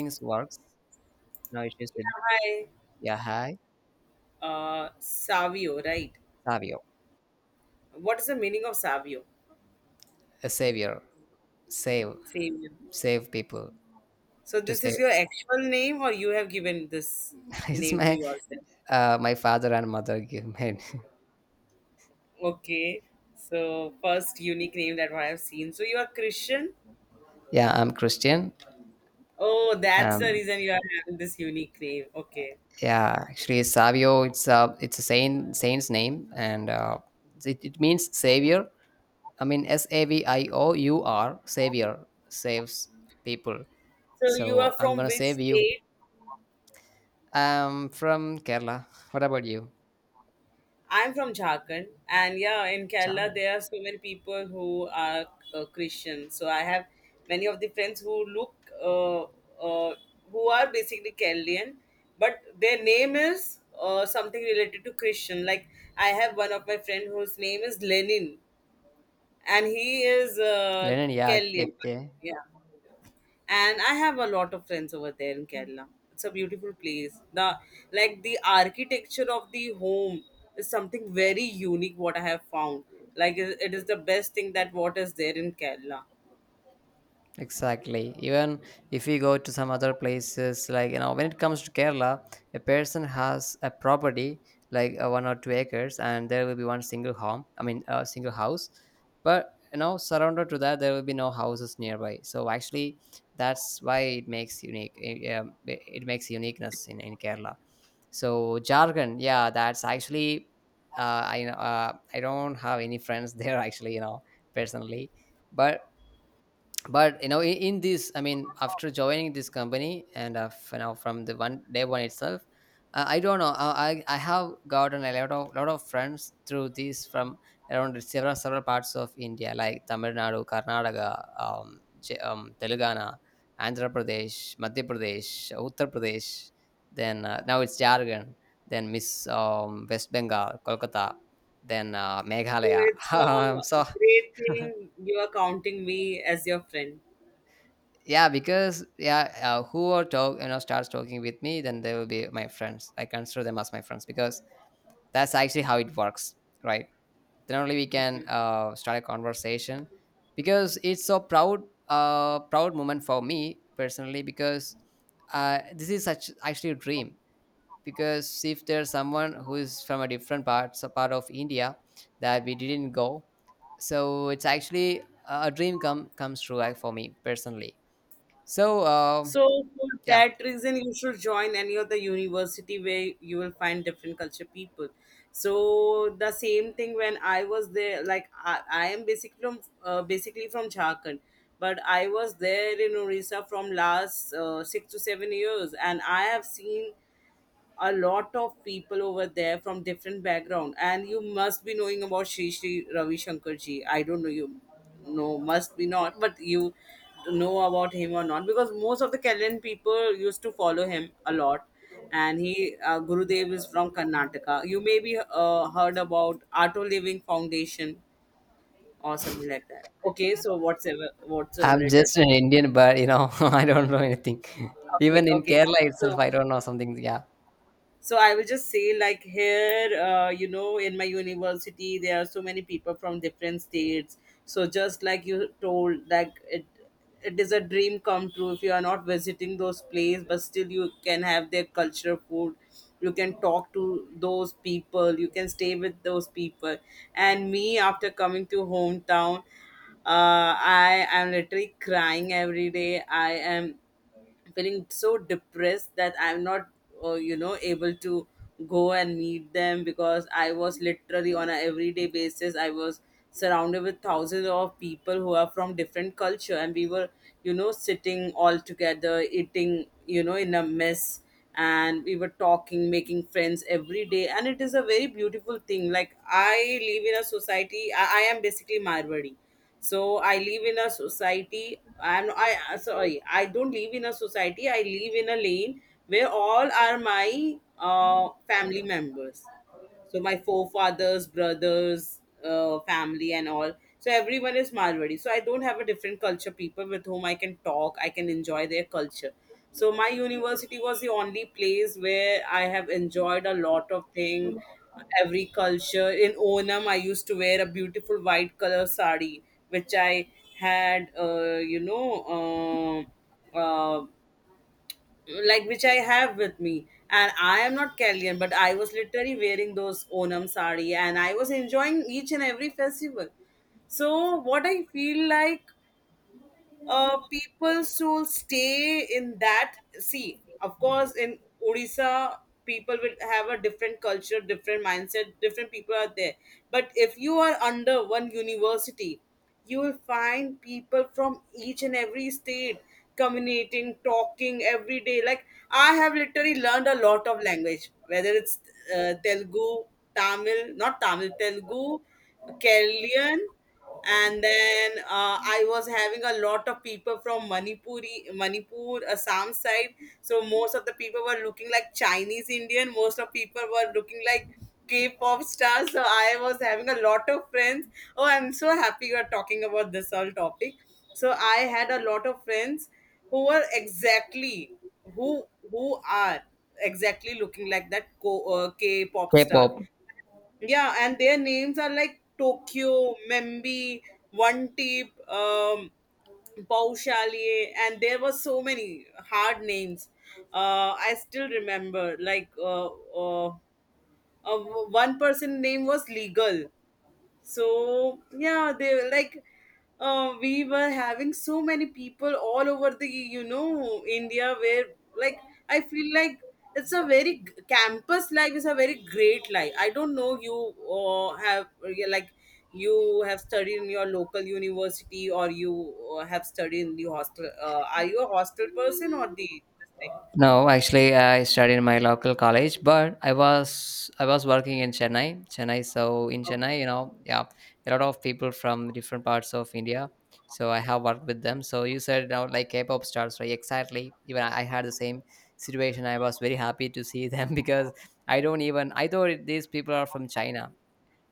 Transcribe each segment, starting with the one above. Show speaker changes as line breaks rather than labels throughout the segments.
Things works. No issues with.
By
Yeah, hi.
Savio, right?
Savio.
What is the meaning of Savio?
A savior. Save.
Savio.
Save people.
So
To
this is
save.
your actual name, or you have given this
It's
name to
my,
yourself?
my father and mother give me.
Okay. So first unique name that I have seen. So you are Christian.
Yeah, I'm Christian.
Oh, that's the
um
reason you are having this unique name. Okay.
yeah, actually Savio, it's a saint's name. And it means savior. I mean, saviour. Savior. Saves people.
So you are
So I'm
from
gonna
which
save you.
state?
I'm from Kerala. What about you?
I'm from Jharkhand, and yeah, in Kerala
Ciao.
there are so many people who are Christian. So I have many of the friends who look uh, uh, who are basically Keralian, but their name is something related to Christian. Like I have one of my friend whose name is Lenin, and he is
Lennon, yeah.
Keralian.
Okay.
Yeah, and I have a lot of friends over there in Kerala. It's a beautiful place. The like the architecture of the home is something very unique. What I have found, like it is the best thing that what is there in Kerala.
Exactly. Even if we go to some other places, like, when it comes to Kerala, a person has a property like 1 or 2 acres, and there will be one single home. I mean, a single house. But you know, surrounded to that, there will be no houses nearby. So actually, that's why it makes unique. It makes uniqueness in Kerala. So Jharkhand, yeah, that's actually. Uh, I don't have any friends there actually, you know, personally. But you know, in this, I mean, after joining this company and now from the one day one itself, I don't know, I have gotten a lot of friends through this, from around several parts of India, like Tamil Nadu, Karnataka, um, Telangana, Andhra Pradesh, Madhya Pradesh, Uttar Pradesh, then now it's Jharkhand, then Miss, West Bengal, Kolkata, then
So
Meghalaya.
it's
I'm so.
a great thing. You are counting me as your friend.
Yeah, because, yeah, who are talk you know starts talking with me, then they will be my friends. I consider them as my friends, because that's actually how it works, right? Then only we can start a conversation, because it's so proud moment for me personally, because this is such actually a dream. Because if there's someone who is from a different part of India that we didn't go, so it's actually a dream comes true, like for me, personally. So,
So for
yeah,
that reason, you should join any of the university where you will find different culture people. So the same thing when I was there, like I am basically from Jharkhand, but I was there in Orissa from last 6 to 7 years, and I have seen a lot of people over there from different background and you must be knowing about Shri Shri Ravi Shankar ji. I don't know you know must be not but you know about him or not because most of the Kerala people used to follow him a lot and he Gurudev is from Karnataka. You maybe heard about Auto Living Foundation or something like that. Okay, so whatsoever
I'm
it is.
just an Indian, but, I don't know anything.
Okay,
Even in
okay.
Kerala itself,
So.
I don't know something. Yeah,
So I will just say like here you know in my university there are so many people from different states so just like you told like it is a dream come true if you are not visiting those places but still you can have their culture food, you can talk to those people, you can stay with those people. And me after coming to hometown, I am literally crying every day. I am feeling so depressed that I'm not, you know, able to go and meet them because I was literally on a everyday basis. I was surrounded with thousands of people who are from different culture, and we were, you know, sitting all together, eating, you know, in a mess, and we were talking, making friends every day, and it is a very beautiful thing. Like I live in a society. I am basically Marwari, so I live in a society. And I sorry, I don't live in a society, I live in a lane where all are my family members, so my forefathers, brothers, family and all. So everyone is Marwari, so I don't have a different culture people with whom I can talk, I can enjoy their culture. So my university was the only place where I have enjoyed a lot of thing. Every culture, in Onam I used to wear a beautiful white color sari which I had uh, uh, like which I have with me. And I am not Kellyan, but I was literally wearing those Onam sari and I was enjoying each and every festival. So what I feel like people still stay in that. See, of course, in Odisha, people will have a different culture, different mindset, different people are there. But if you are under one university, you will find people from each and every state communicating, talking every day. Like, I have literally learned a lot of language, whether it's Telugu, Tamil, not Tamil, Telugu, Keralian, and then I was having a lot of people from Manipuri, Manipur, Assam side. So most of the people were looking like Chinese Indian, most of people were looking like K-pop stars, so I was having a lot of friends. Oh, I'm so happy you are talking about this whole topic. So I had a lot of friends who were exactly who who are exactly looking like that K-pop star.
K-pop.
Yeah, and their names are like Tokyo, Membi, One Teep, Paushaliye, and there were so many hard names. I still remember, like, uh, uh, one person name was Legal. So yeah, they were like, we were having so many people all over the you know India where like I feel like it's a campus life is a very great life. I don't know you have, yeah, like, you have studied in your local university or you have studied in the hostel? Are you a hostel person or the this thing?
No, actually, I studied in my local college, but I was working in Chennai. Chennai, so in Chennai, yeah, a lot of people from different parts of India. So I have worked with them. So you said now like K-pop stars, right? Exactly. Even I had the same situation. I was very happy to see them because I don't even, these people are from China.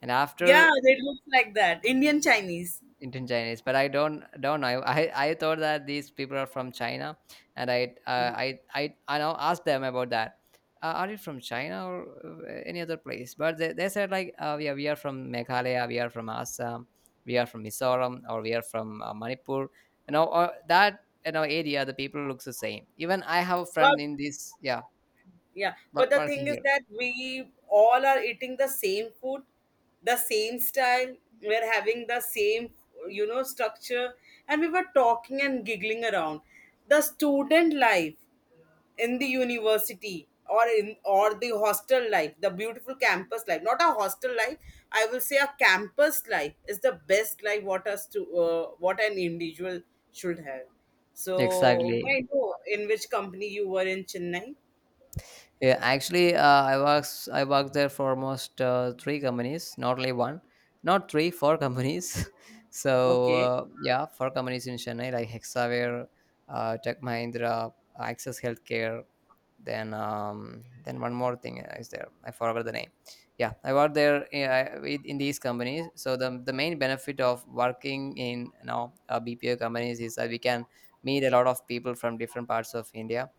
And after,
Yeah, it looks like that Indian Chinese.
Indian Chinese, but I don't know. I thought that these people are from China, and I I now asked them about that. Are you from China or any other place? But they said like, yeah, we are from Meghalaya, we are from Assam, we are from Mizoram, or we are from Manipur. Or that, area, the people looks the same. Even I have a
But
friend in this, yeah,
yeah, but the
working
thing is
here.
that we all are eating the same food, the same style, we're having the same, you know, structure, and we were talking and giggling around. The student life in the university or in or the hostel life, the beautiful campus life, not a hostel life, I will say a campus life is the best life what us to what an individual should have. So,
Exactly.
may I know in which company you were in Chennai?
Yeah, actually, I works I worked there for almost three companies, not only one, not three, four companies. So,
Okay.
yeah, four companies in Chennai, like Hexaware, Tech Mahindra, Access Healthcare, then one more thing is there, I forgot the name. Yeah, I worked there, in these companies. So the main benefit of working in, BPO companies is that we can meet a lot of people from different parts of India.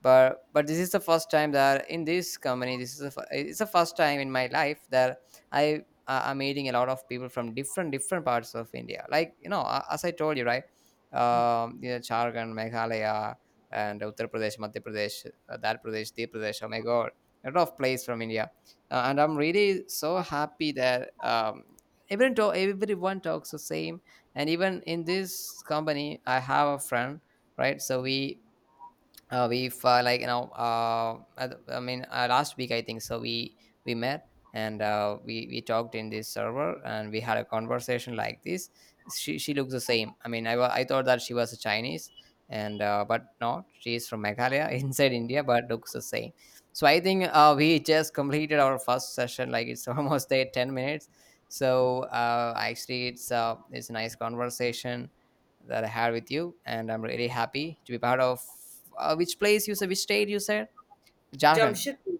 But this is the first time that in this company, this is the, fir- it's the first time in my life that I am meeting a lot of people from different parts of India, like, as I told you, right? Jharkhand, Meghalaya, and Uttar Pradesh, Madhya Pradesh, that Pradesh, the Pradesh. Oh my God, a lot of plays from India, and I'm really so happy that, everyone talks the same. And even in this company, I have a friend, right? So we we've I mean, last week, I think, so we met, and we talked in this server, and we had a conversation like this. She looks the same. I mean, I thought that she was a Chinese, and but no, she is from Meghalaya, inside India, but looks the same. So I think we just completed our first session, like it's almost there 10 minutes. So, actually it's a nice conversation that I had with you, and I'm really happy to be part of. Which place you said? Which state you said? Jharkhand.
Jamshedpur.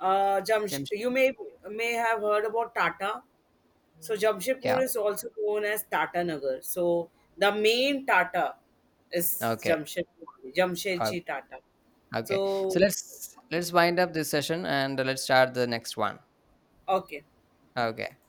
James-
You may have heard about Tata. So Jamshedpur
Yeah.
is also known as Tata Nagar. So the main Tata is
Okay.
Jamshedpur,
Uh,
Jamshedji Tata.
okay. So
So
let's wind up this session, and let's start the next one.
okay,
Okay.